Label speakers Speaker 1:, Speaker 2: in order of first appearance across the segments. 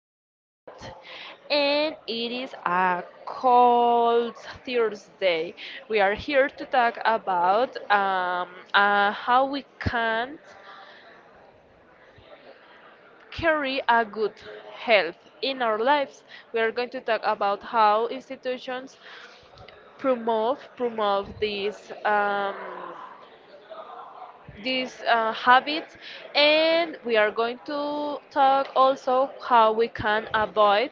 Speaker 1: 23rd and it is a cold Thursday. We are here to talk about how we can carry a good health in our lives. We are going to talk about how institutions promote this. These habits, and we are going to talk also how we can avoid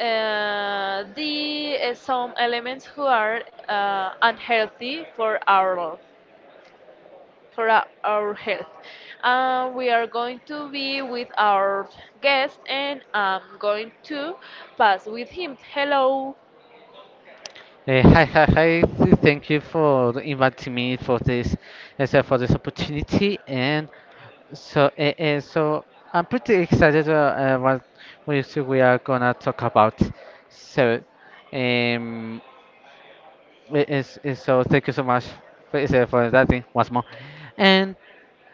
Speaker 1: the some elements who are unhealthy for our our health. We are going to be with our guest, and I'm going to pass with him. Hello.
Speaker 2: Hi, hi, hi. Thank you for inviting me for this, as for this opportunity. And so, I'm pretty excited, what we are gonna talk about. So, um, so, thank you so much for that thing once more. And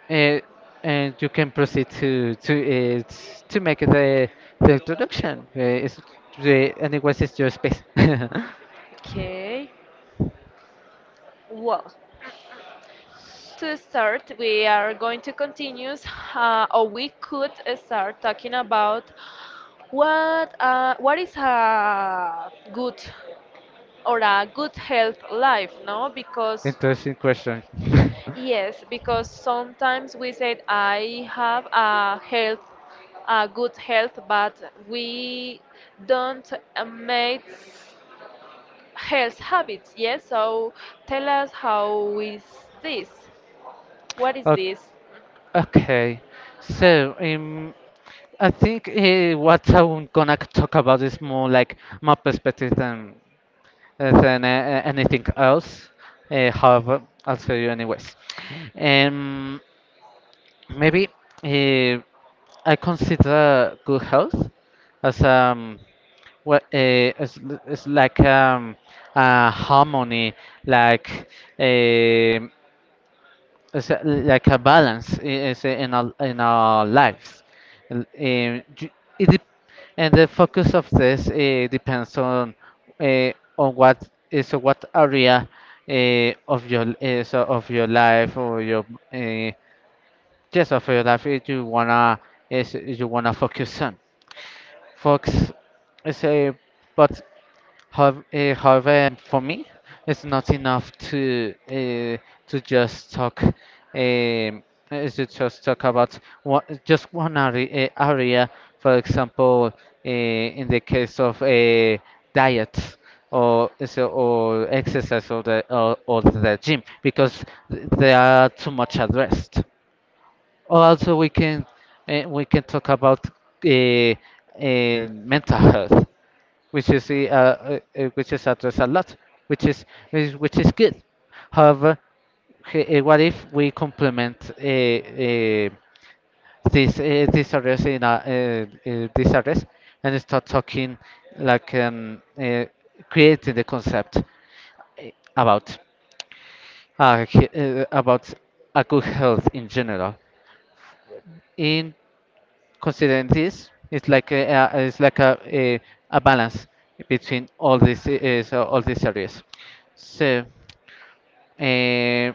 Speaker 2: uh, and you can proceed to make the introduction. It's your space.
Speaker 1: Okay. Well, to start, we are going to continue, or we could start talking about what is a good or a good health life, no? Because
Speaker 2: Interesting question.
Speaker 1: yes, because sometimes we said I have a health, a good health, but we don't make health habits. Yes, so tell us how is this? What is
Speaker 2: O-
Speaker 1: this?
Speaker 2: Okay, so I think, what I'm gonna talk about is more like my perspective than anything else. However, I'll tell you anyways. Um, Maybe, uh, I consider good health as what as l- as like harmony, like um it's a, like a balance is in our lives. L- um, ju- it dep- and the focus of this, depends uh, on what area of your, of your life or your, uh, yes of your life, you wanna, is you wanna focus on. Focus is a but how, uh, however, for me, it's not enough to just talk about just one area, For example, in the case of, diet or, or exercise or or the gym, because they are too much addressed. Also, we can talk about, uh, uh, mental health, which is addressed a lot, which is which is good. However, what if we complement, this, this address, and start talking, like um, uh, creating the concept, about, about a good health in general, in considering this. It's like a it's like a balance between all these, all these areas. So, uh,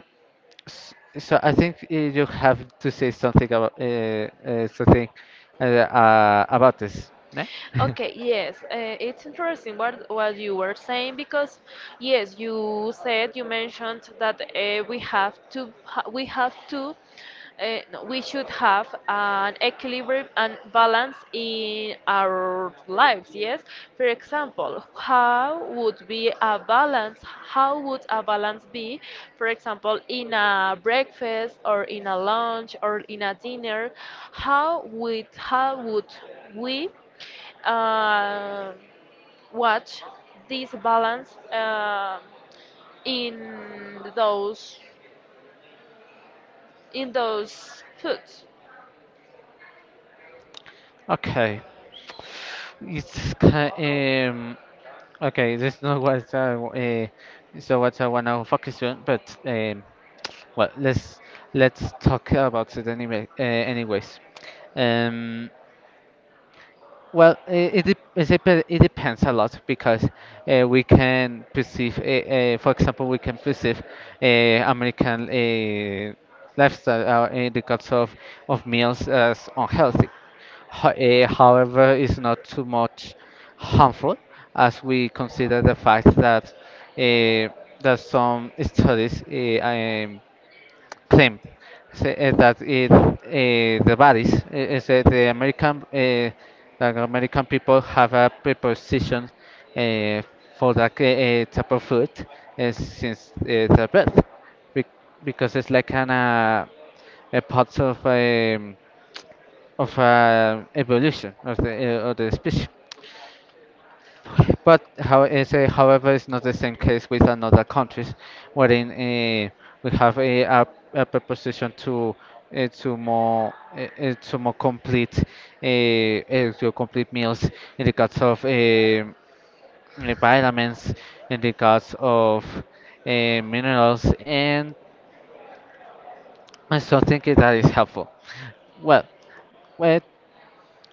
Speaker 2: so, I think, you have to say something uh, something about this. Yeah?
Speaker 1: Okay, yes, it's interesting what you were saying because yes, you said you mentioned that we have to no, we should have an equilibrium and balance in our lives. Yes, for example, how would be a balance? How would a balance be, for example, in a breakfast or in a lunch or in a dinner? How would we? uh, Watch this balance in those foods.
Speaker 2: Okay. It's ki- um, okay. That's not what I w- so what I wanna focus on, but, well, let's talk about it anyway. Anyways. um. Well, it depends a lot, because, we can perceive, for example, we can perceive American, lifestyle, in the cuts of meals as unhealthy. However, it's not too much harmful, as we consider the fact uh, that some studies, claim, that it, eh, the bodies eh, is that the American eh, that American people have a preposition, eh, for that, type of food, since, the birth. Be- because it's like an a part of, evolution of the species. But how is however, it's not the same case with another countries, wherein, we have a preposition to more complete to complete meals in regards of, vitamins, in regards of, uh, minerals, and I still think that is helpful. Well, well,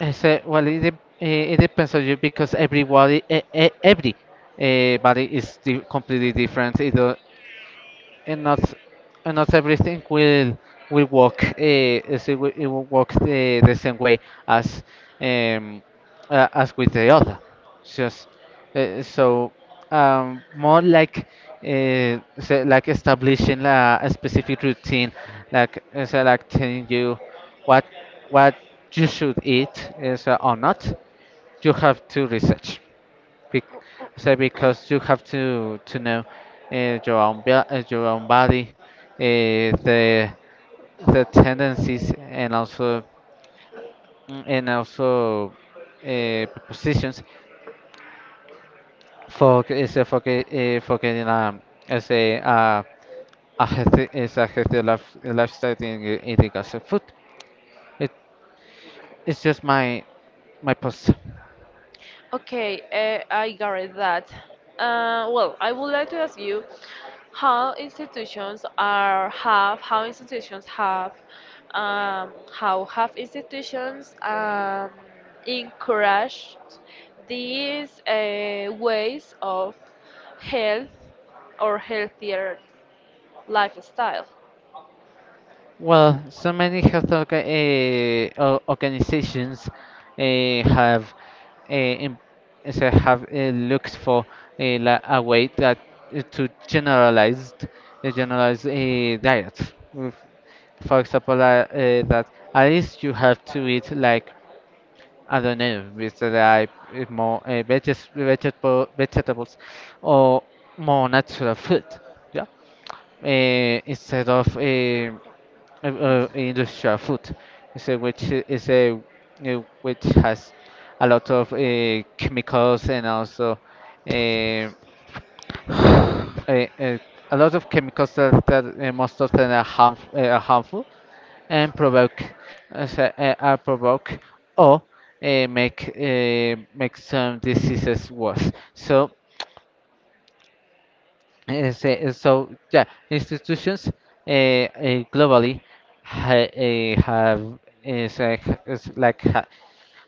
Speaker 2: I said, well, it depends on you, because everybody, every body is completely different. And not everything will work, . It will work the same way as, um, with the other. Just, uh, so more like, say, like establishing a specific routine, like, say, like telling you what what you should eat is, or not. You have to research be- so because you have to know, your own, your own body, the tendencies, and also, and also, positions for for getting, as a healthy is a healthy life lifestyle in eating as a food. It it's just my post.
Speaker 1: Okay, I got it that. Well, I would like to ask you how institutions are have how institutions have how have institutions encouraged these ways of health or healthier lifestyle.
Speaker 2: Well, so many health organizations, have, em- as I have, looked for, a way that, to generalize a diet. With, for example, that at least you have to eat like, I don't know, with the, like, more, vegetables or more natural food. Yeah, instead of, industrial food, so which has a lot of, chemicals, and also, uh, uh, uh, a lot of chemicals that, most of them are, are harmful, and provoke, so, are provoke or make, make some diseases worse. So, yeah, institutions, globally, have is like, is like ha,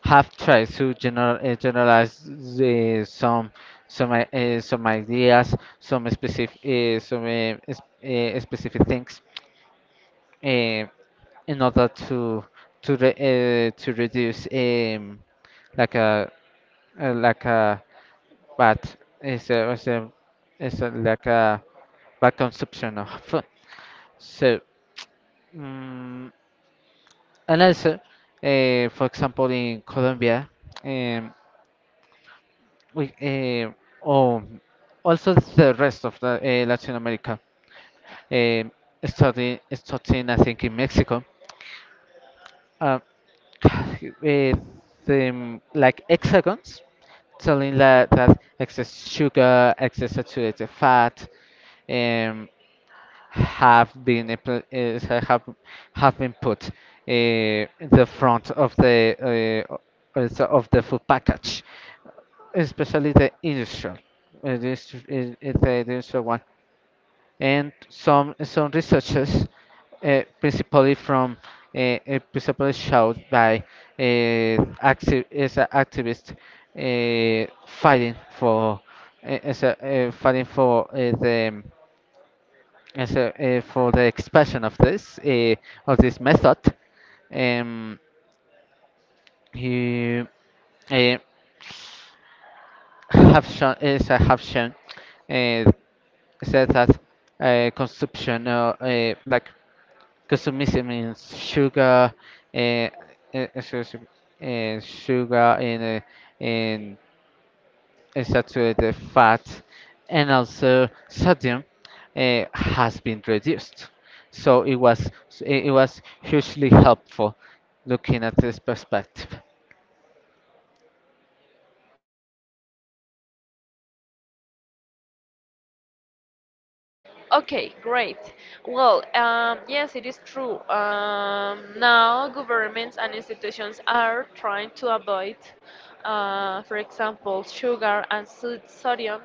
Speaker 2: have tried to, generalize, some, some ideas, some specific, specific things, uh, in order to reduce, like a, like a bad is a, is a, is a like a bad consumption of food. So mm and also, for example, in Colombia. Um, We, oh, also the rest of the, Latin America. Eh, Studying, I think, in Mexico. Uh, the, like, hexagons, telling that excess sugar, excess saturated fat, um, have been, have been put, in the front of the, also of the food package, especially the industrial, the industrial one. And some researchers, principally, from principally showed by, active, as an activist, fighting for, fighting for, the, for the expression of this, of this method. Um, he, uh, have shown is I have shown, uh, said that, consumption, Consumism means sugar, eh, excuse me, sugar, in saturated fat, and also sodium, has been reduced. So it was hugely helpful, looking at this perspective.
Speaker 1: Okay, great. Well, yes, it is true. Now governments and institutions are trying to avoid, for example, sugar and sodium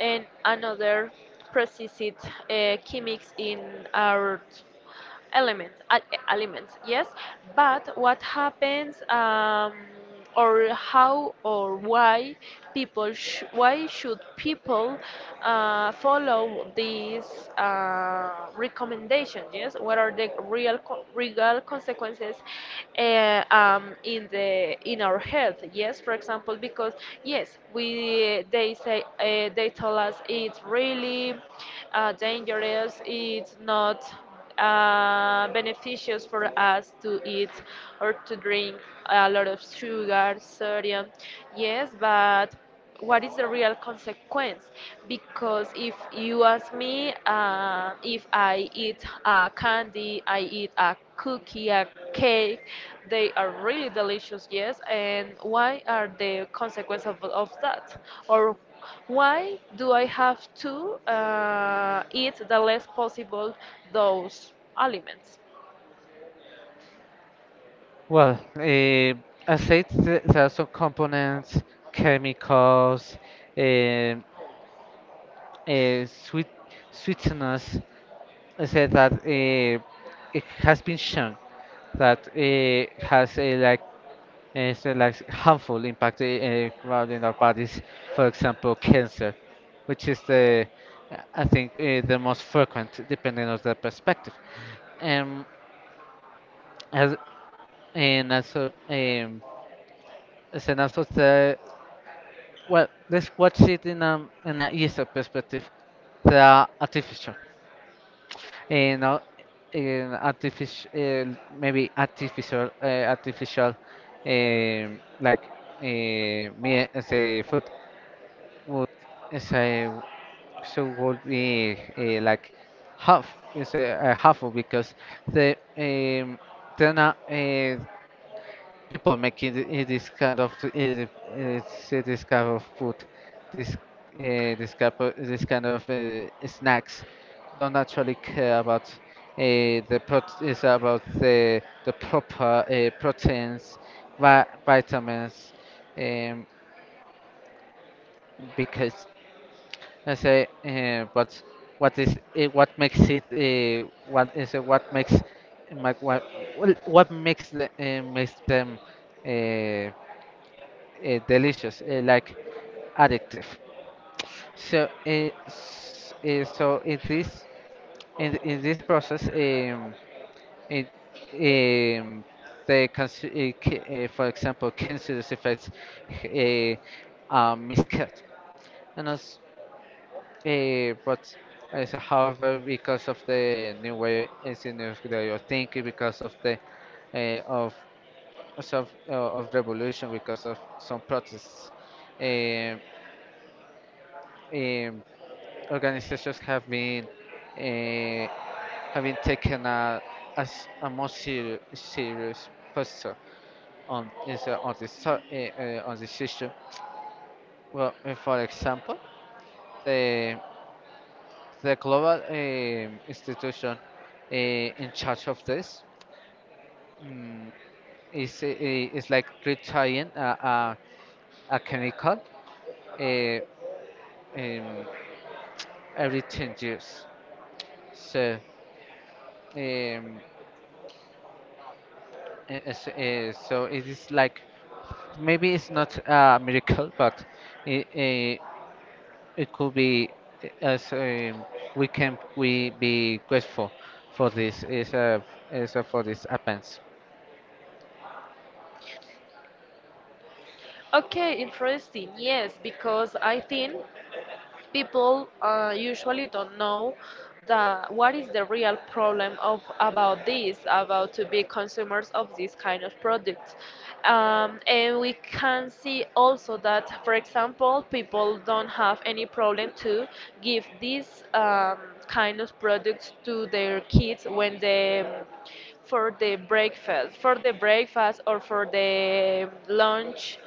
Speaker 1: and another precise chemics in our elements al- elements, yes. But what happens, or how or why why should people follow these recommendations? Yes, what are the real consequences, in the in our health? Yes, for example, because yes, we they say they tell us it's really dangerous, it's not beneficious for us to eat or to drink a lot of sugar, sodium. Yes, but what is the real consequence? Because if you ask me, if I eat a candy, I eat a cookie, a cake, they are really delicious, yes. And why are the consequences of that? Or why do I have to eat the less possible those aliments?
Speaker 2: Well, I said, there are some components, chemicals, eh, eh, sweet sweeteners, said that, it has been shown that it has a like it's a, like, harmful impact, in our bodies. For example, cancer, which is the I think, the most frequent, depending on the perspective. Um, as, and also um, as and also the, well, let's watch it in a user perspective. They are artificial. And no, artificial, um like uh, me as a food would, as a so would be, like half, is a half of, because the, they're not. People making, this kind of, say this kind of food, this this kind of, snacks, don't actually care about, the prot- is about the proper, proteins, vitamins, um, because, I say, but what makes it, what is what makes ma- what well, what makes makes them, uh, delicious, like, addictive. So, in this, in this process, it, um, they consi- c- for example, cancerous effects, a, miscut, and also, but so however, because of the new way, it's a new way of thinking, because of the uh, of of, of revolution, because of some protests. Um, Organizations have been uh, have taken a, as a more serious posture on is on this to- on this issue. Well, for example, the the global, institution, in charge of this, mm, is, is like retiring a chemical, uh, um, every 10 years. So um, so, it is like, maybe it's not a miracle, but it, it, it could be, as we can, we be grateful for this, for this happens.
Speaker 1: Okay, interesting. Yes, because I think people usually don't know that, what is the real problem of about this, about to be consumers of this kind of products. And we can see also that, for example, people don't have any problem to give these kind of products to their kids when they for the breakfast or for the lunch.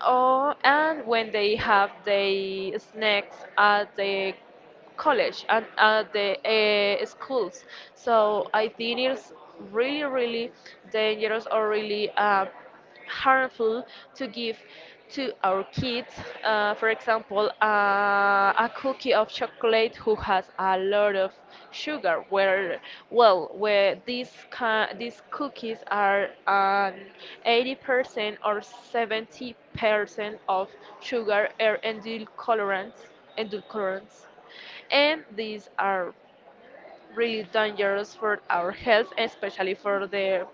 Speaker 1: Oh, and when they have the snacks at the college and at the schools. So I think it's really dangerous or really harmful to give to our kids, for example, a cookie of chocolate who has a lot of sugar. Where, well, where these cookies are 80% or 70% of sugar or edulcorants, and these are really dangerous for our health, especially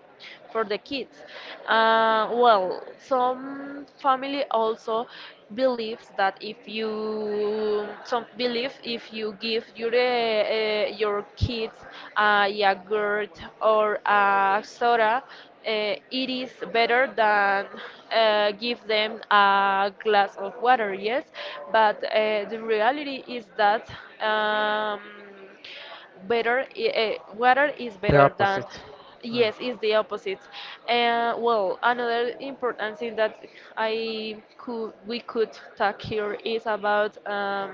Speaker 1: for the kids. Well, some family also believes that if you give your kids a yogurt or a soda, it is better than give them a glass of water. Yes, but the reality is that. Um, better, water is
Speaker 2: The
Speaker 1: better than,
Speaker 2: opposite. Hmm.
Speaker 1: yes, is the opposite. And well, another important thing that I could we could talk here is about,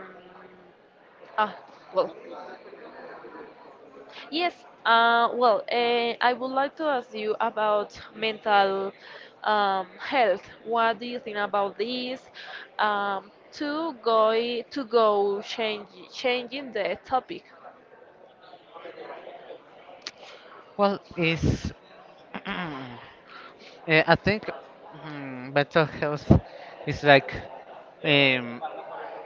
Speaker 1: ah well yes, I would like to ask you about mental health. What do you think about this? Um, to go change changing the topic.
Speaker 2: Well, is eh, I think, mental health is um,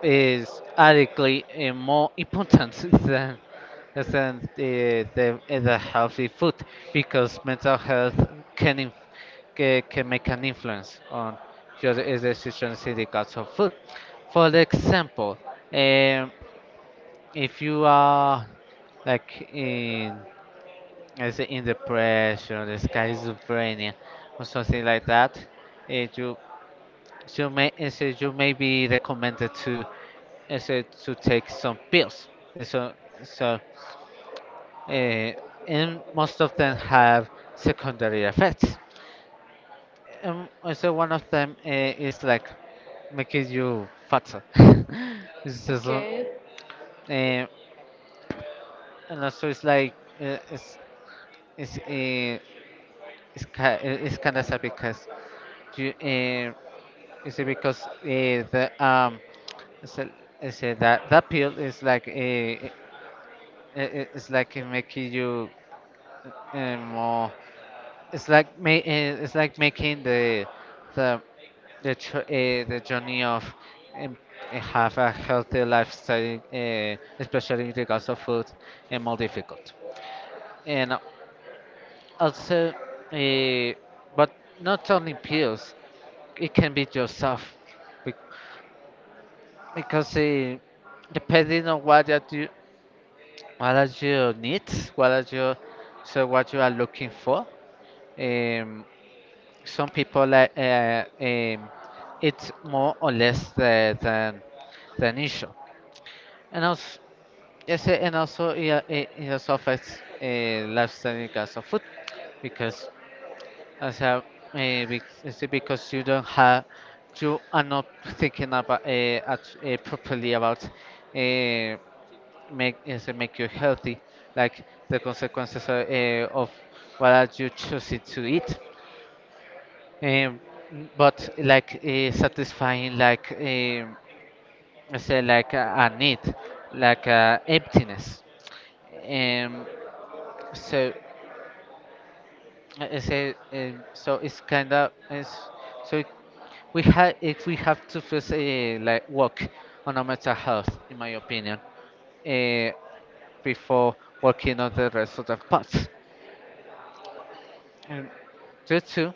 Speaker 2: is adequately, more important than the the healthy food, because mental health, can can make an influence on your decisions in the cuts of food. For the example, um, if you are, like, in let's say, in depression or the schizophrenia or something like that, it you, you may it says you may be recommended to, it said to take some pills. And So so uh, and most of them have secondary effects. Also, one of them, is like making you fatter. it's just, um,
Speaker 1: Okay.
Speaker 2: and also it's like uh, it's it's uh, it's, ki- eh, it's kind of sad because you it's because the it's, a, it's a, that that pill is like it's making you more It's like ma- eh, it's like making the the journey of um, have a healthy lifestyle, especially in regards of food, and more difficult. And also, uh, but not only pills, it can be yourself, bec- because depending on what are your needs, what are your so what you are looking for. Um, Some people like it's more or less the than issue, and also yes, and also yeah, it also affects lifestyle in terms of food because as a maybe it's because you don't have you are not thinking about properly about make is it make you healthy, like the consequences of what are you choosing to eat. Um, but like satisfying like I say like a need, like a emptiness. Um, so I say so it's kind of it's so We have if we have to first like work on our mental health, in my opinion, uh, before working on the rest of the parts. And due to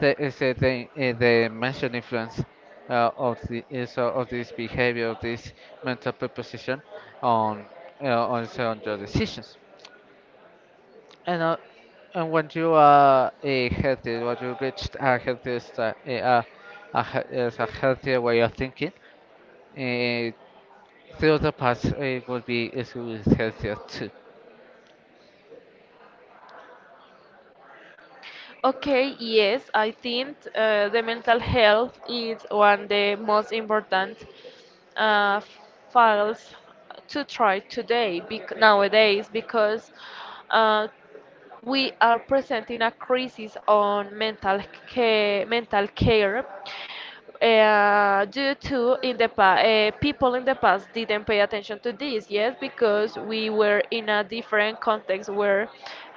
Speaker 2: the mentioned influence of the is of this behavior of this mental preposition on on your decisions. And uh, and when you are a healthy when you reached a healthy is a healthier way of thinking, the other part would be is healthier too.
Speaker 1: Okay, yes, I think the mental health is one of the most important uh, files to try today nowadays, because uh, we are presenting a crisis on mental care due to people in the past didn't pay attention to this, yes, because we were in a different context where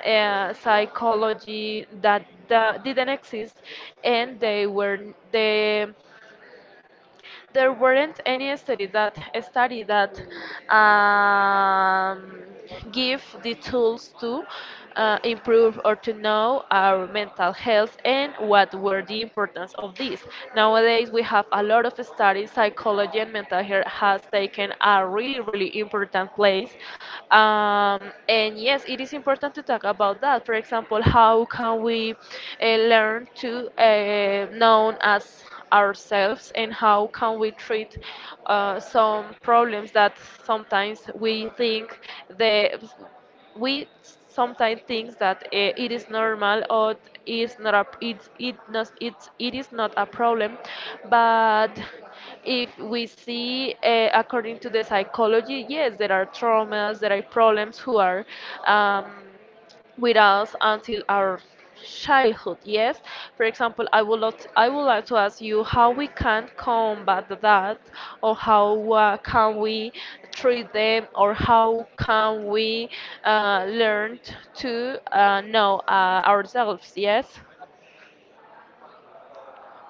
Speaker 1: psychology that didn't exist, and they were the, there weren't any studies that study that, um, give the tools to improve or to know our mental health and what were the importance of this. Nowadays, we have a lot of studies. Psychology and mental health has taken a really important place, and yes, it is important to talk about that. For example, how can we uh, learn to known as ourselves, and how can we treat some problems that sometimes we think the, we sometimes think that, it is normal, or it's it is not a problem, but if we see according to the psychology, yes, there are traumas, there are problems who are um, with us until our childhood. Yes, for example, I would like to ask you how we can combat that, or how can we treat them, or how can we learn to know ourselves, yes.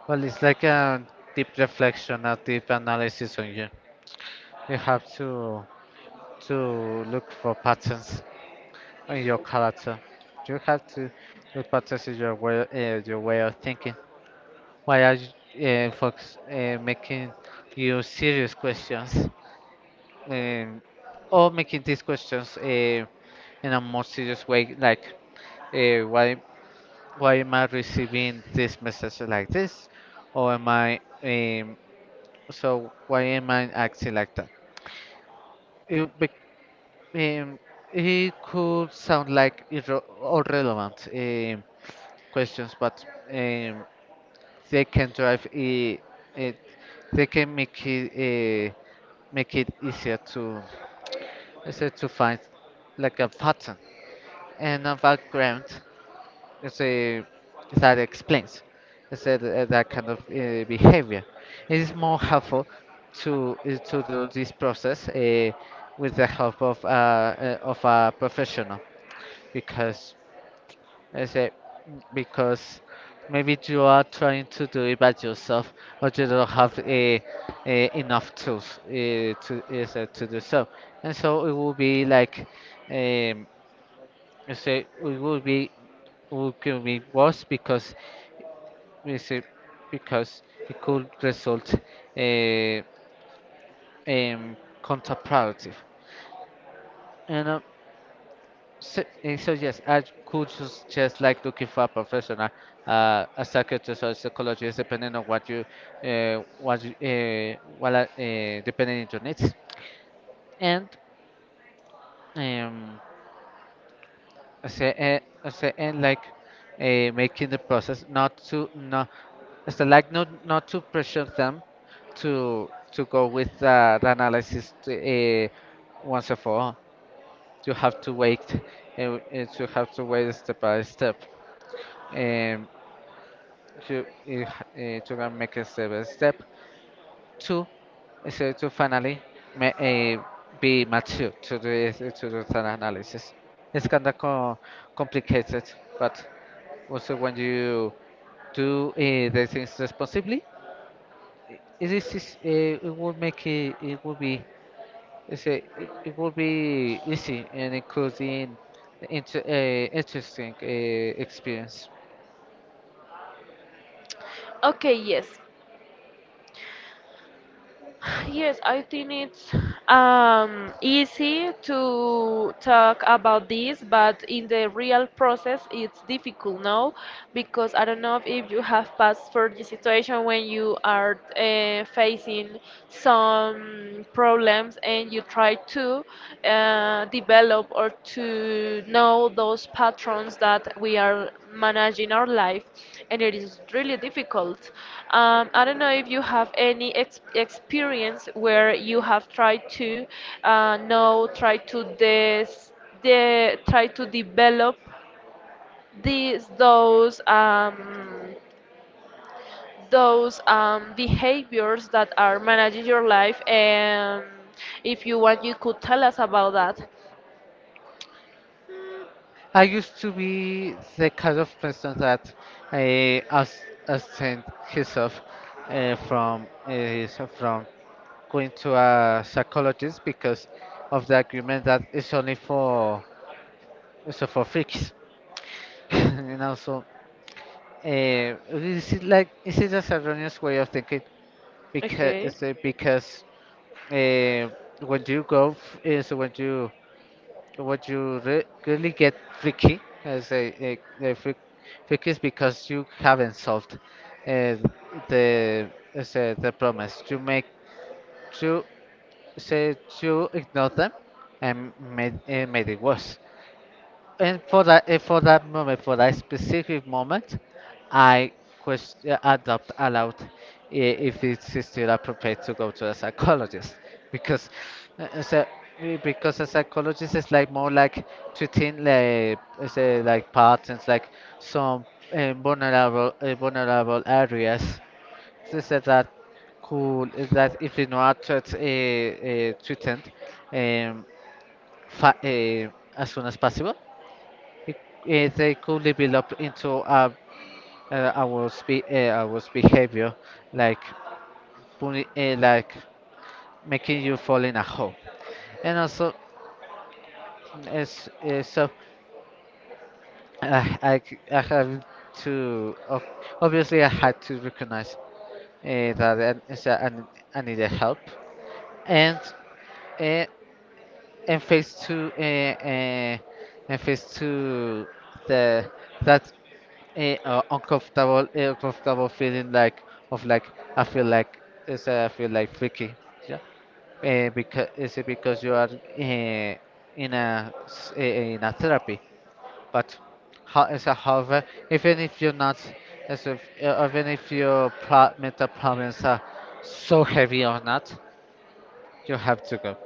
Speaker 2: Well, it's like a deep reflection, a deep analysis on you. You have to look for patterns in your character. You have to look patterns in your way of thinking. Why are you, folks, making you serious questions, um, or making these questions in a more serious way, like why why am I receiving this message like this, or am I why am I acting like that? It, bec- Um, it could sound like irre irrelevant questions, but um, they can drive it. They can make it easier to, let's to find like a pattern and a background. Let's say that explains, I said say that, that kind of behavior. It is more helpful to do this process with the help of a professional because I say because maybe you are trying to do it by yourself or you don't have a enough tools to do so, and so it will be like um you say it will be it could be worse because you see, because it could result uh, um counterproductive. And uh, So, eh, so yes, I could just like looking for a professional, a psychiatrist or psychologist, depending on what you, what you, what depending on your needs, and um, I say, eh, I say, and like, making the process not, so like not not to pressure them, to go with the analysis to, uh, once and for all. You have to wait, uh, uh, you have to wait step by step. Um, to eh, h- eh, to go make a step by step to so to finally ma- eh, be mature to do to do that analysis. It's kind of complicated, but also when you do the things responsibly, it is, eh, it will make it it will be it will be easy and including interesting experience.
Speaker 1: Okay, yes. Yes, I think it's easy to talk about this, but in the real process, it's difficult, no? Because I don't know if you have passed for the situation when you are facing some problems and you try to develop or to know those patterns that we are managing our life, and it is really difficult. Um, I don't know if you have any experience where you have tried to know try to this de- try to develop these those behaviors that are managing your life, and if you want, you could tell us about that.
Speaker 2: I used to be the kind of person that I as abstained himself from going to a psychologist because of the agreement that it's only for for freaks, you know. So this is like this is just a erroneous way of thinking
Speaker 1: Okay.
Speaker 2: because uh, when you go f- is when you what you re really get freaky as a freak, freaky is because you haven't solved uh, the the promise. You make you say you ignore them and made made it worse. And for that moment for that specific moment, I question I doubt aloud, I- if it's still appropriate to go to a psychologist because uh, as a because a psychologist is like more like treating like say like patterns like some vulnerable areas, so that cool is that if you know how to treatment um, fa- uh, as soon as possible, it, they could develop into uh, adverse behavior, like like making you fall in a hole. And also, as so, I c- I have to obviously I had to recognize that I, so I, need- I needed help, and uh, and face to and face to the that a uncomfortable a uncomfortable feeling like of like I feel like it's I feel like freaky, yeah, eh, because is it because you are eh, in a s- eh, eh, in a therapy. But how is a however even if you're not as if even if your mental problems are so heavy or not, you have to go.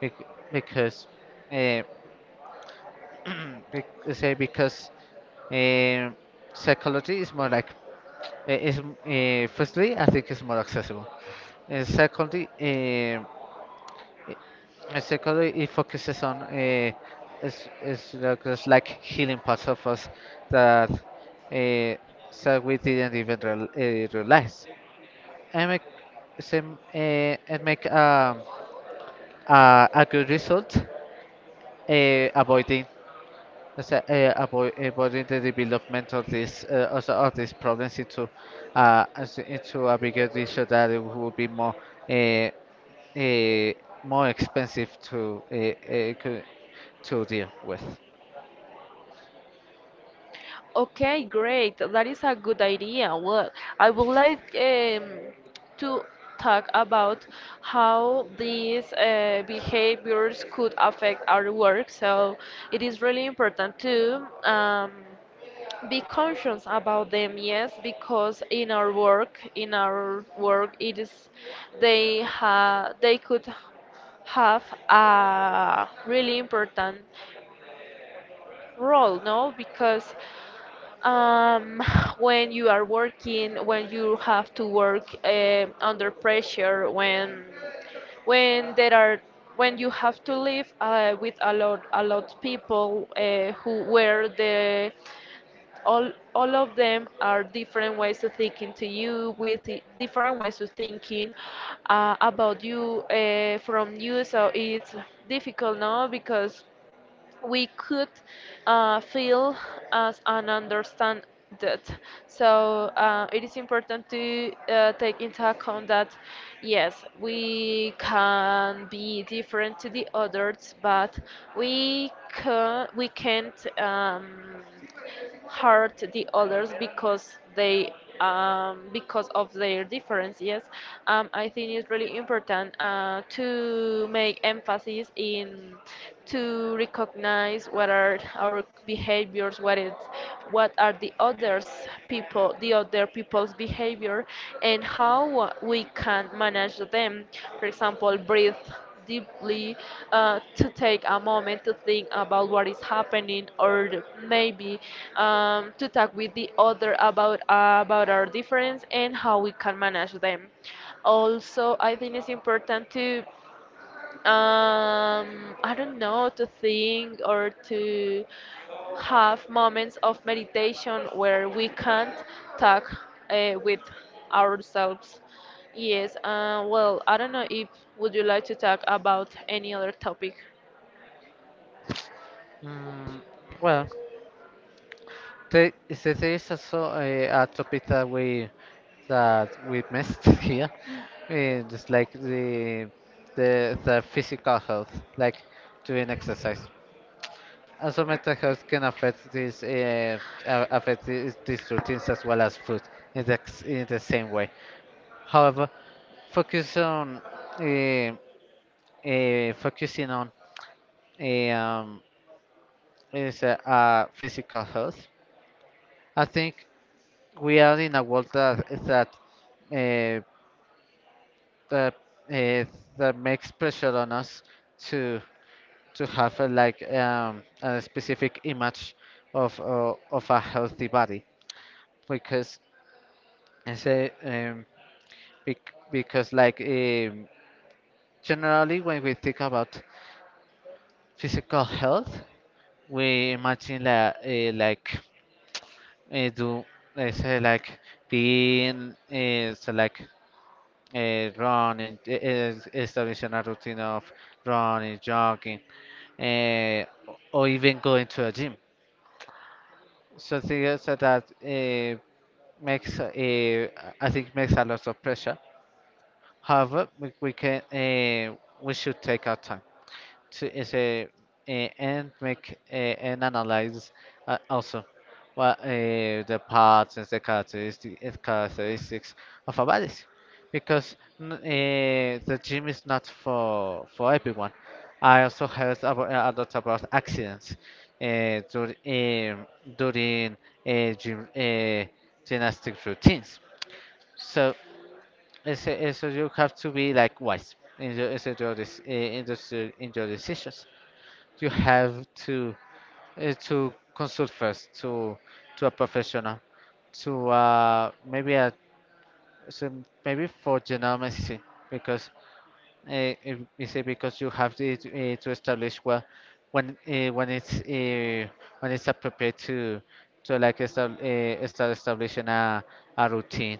Speaker 2: Bec- because uh, say because um, psychology is more like it's, firstly, I think it's more accessible. And secondly, it focuses on it's like healing parts of us that uh, so we didn't even realize. And make same uh, and make um, a good result avoiding, let's say, avoiding the development of this also of these problems into into a bigger issue that it would be more uh, uh, more expensive to to deal with.
Speaker 1: Okay, great. That is a good idea. Well, I would like to talk about how these behaviors could affect our work. So it is really important to be conscious about them, yes, because in our work, it is, they could have a really important role, no? Because um, when you are working, when you have to work under pressure, when there are, when you have to live with a lot people who where the, all all of them are different ways of thinking to you different ways of thinking about you from you, so it's difficult now because we could feel as and understand that. So it is important to take into account that yes, we can be different to the others, but we can we can't. Hurt the others because they, because of their differences. I think it's really important to make emphasis in, to recognize what are our behaviors, what is, what are the others people, the other people's behavior, and how we can manage them. For example, breathe deeply, to take a moment to think about what is happening, or maybe to talk with the other about our difference and how we can manage them. Also, I think it's important to um I don't know, to think or to have moments of meditation where we can't talk with ourselves, yes. Well, I don't know if, would you like to talk about any other topic?
Speaker 2: Mm, well, there is also a topic that we missed here, eh, just like the physical health, like doing exercise. Also, mental health can affect these routines as well as food in the, in the same way. However, focus on uh, focusing on eh, is physical health. I think we are in a world that uh, that, uh, that makes pressure on us to have a, like a specific image of a healthy body because I say bec- because like generally when we think about physical health, we imagine that like do I say like being like running, establishing a routine of running, jogging, uh, or even going to a gym. Something else that uh, makes I think makes a lot of pressure. However, we can we should take our time to is a and make and analyze also what the parts and the characteristics of our bodies, because the gym is not for everyone. I also heard about, a lot about accidents uh, dur- um, during uh, gym, uh, gymnastic routines. So you have to be like wise in your, dec- eh, in this, eh, in your decisions. You have to to consult first to a professional, to maybe a so maybe for general medicine because uh, is it because you have to establish well when uh, when it's uh, when it's appropriate to start establishing a routine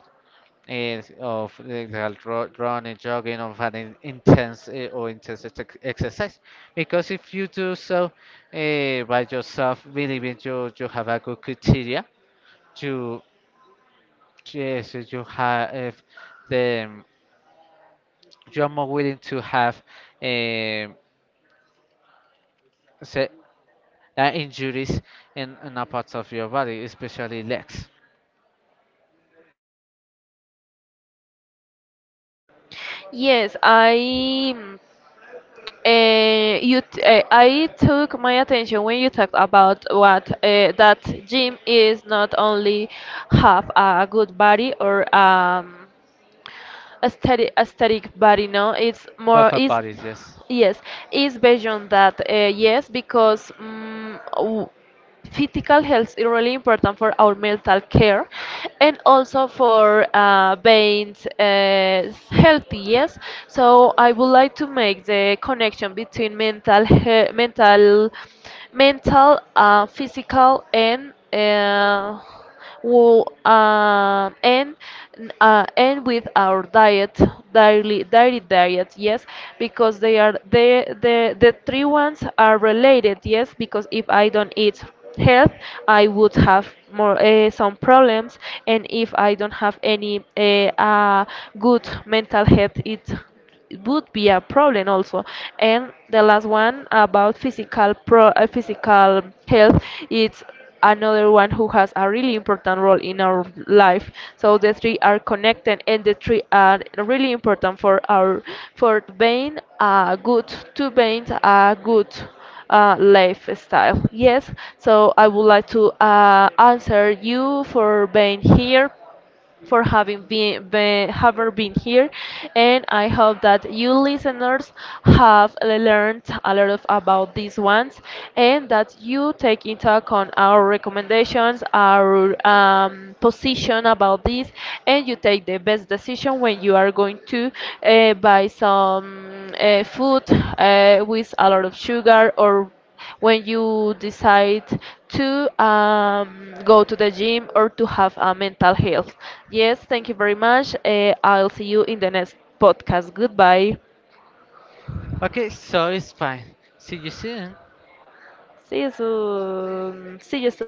Speaker 2: is of the running, jogging, of an intense exercise. Because if you do so by yourself, believing you have a good criteria, you yes eh, you have the you are more willing to have um se- injuries in a part of your body, especially legs,
Speaker 1: Yes, I, I took my attention when you talked about what, that gym is not only have a good body or aesthetic, aesthetic, but you know, it's more
Speaker 2: upper
Speaker 1: is,
Speaker 2: bodies. Yes.
Speaker 1: yes, is based on that, yes, because physical health is really important for our mental care, and also for being healthy, yes. So I would like to make the connection between mental he- mental mental physical and well, and with our diet, daily diet, yes, because they are the, the three ones are related, yes, because if I don't eat health, I would have more some problems, and if I don't have any good mental health, it would be a problem also. And the last one, about physical health, it's another one who has a really important role in our life. So the three are connected, and the three are really important for our, for being a good, to being a good lifestyle, yes. So I would like to answer you for being here, for having been having been here, and I hope that you listeners have learned a lot of about these ones, and that you take into account our recommendations, our position about this, and you take the best decision when you are going to buy some food with a lot of sugar, or when you decide to go to the gym or to have a mental health. Yes, thank you very much. I'll see you in the next podcast. Goodbye.
Speaker 2: Okay, so it's fine. See you soon.
Speaker 1: See you soon. See you soon.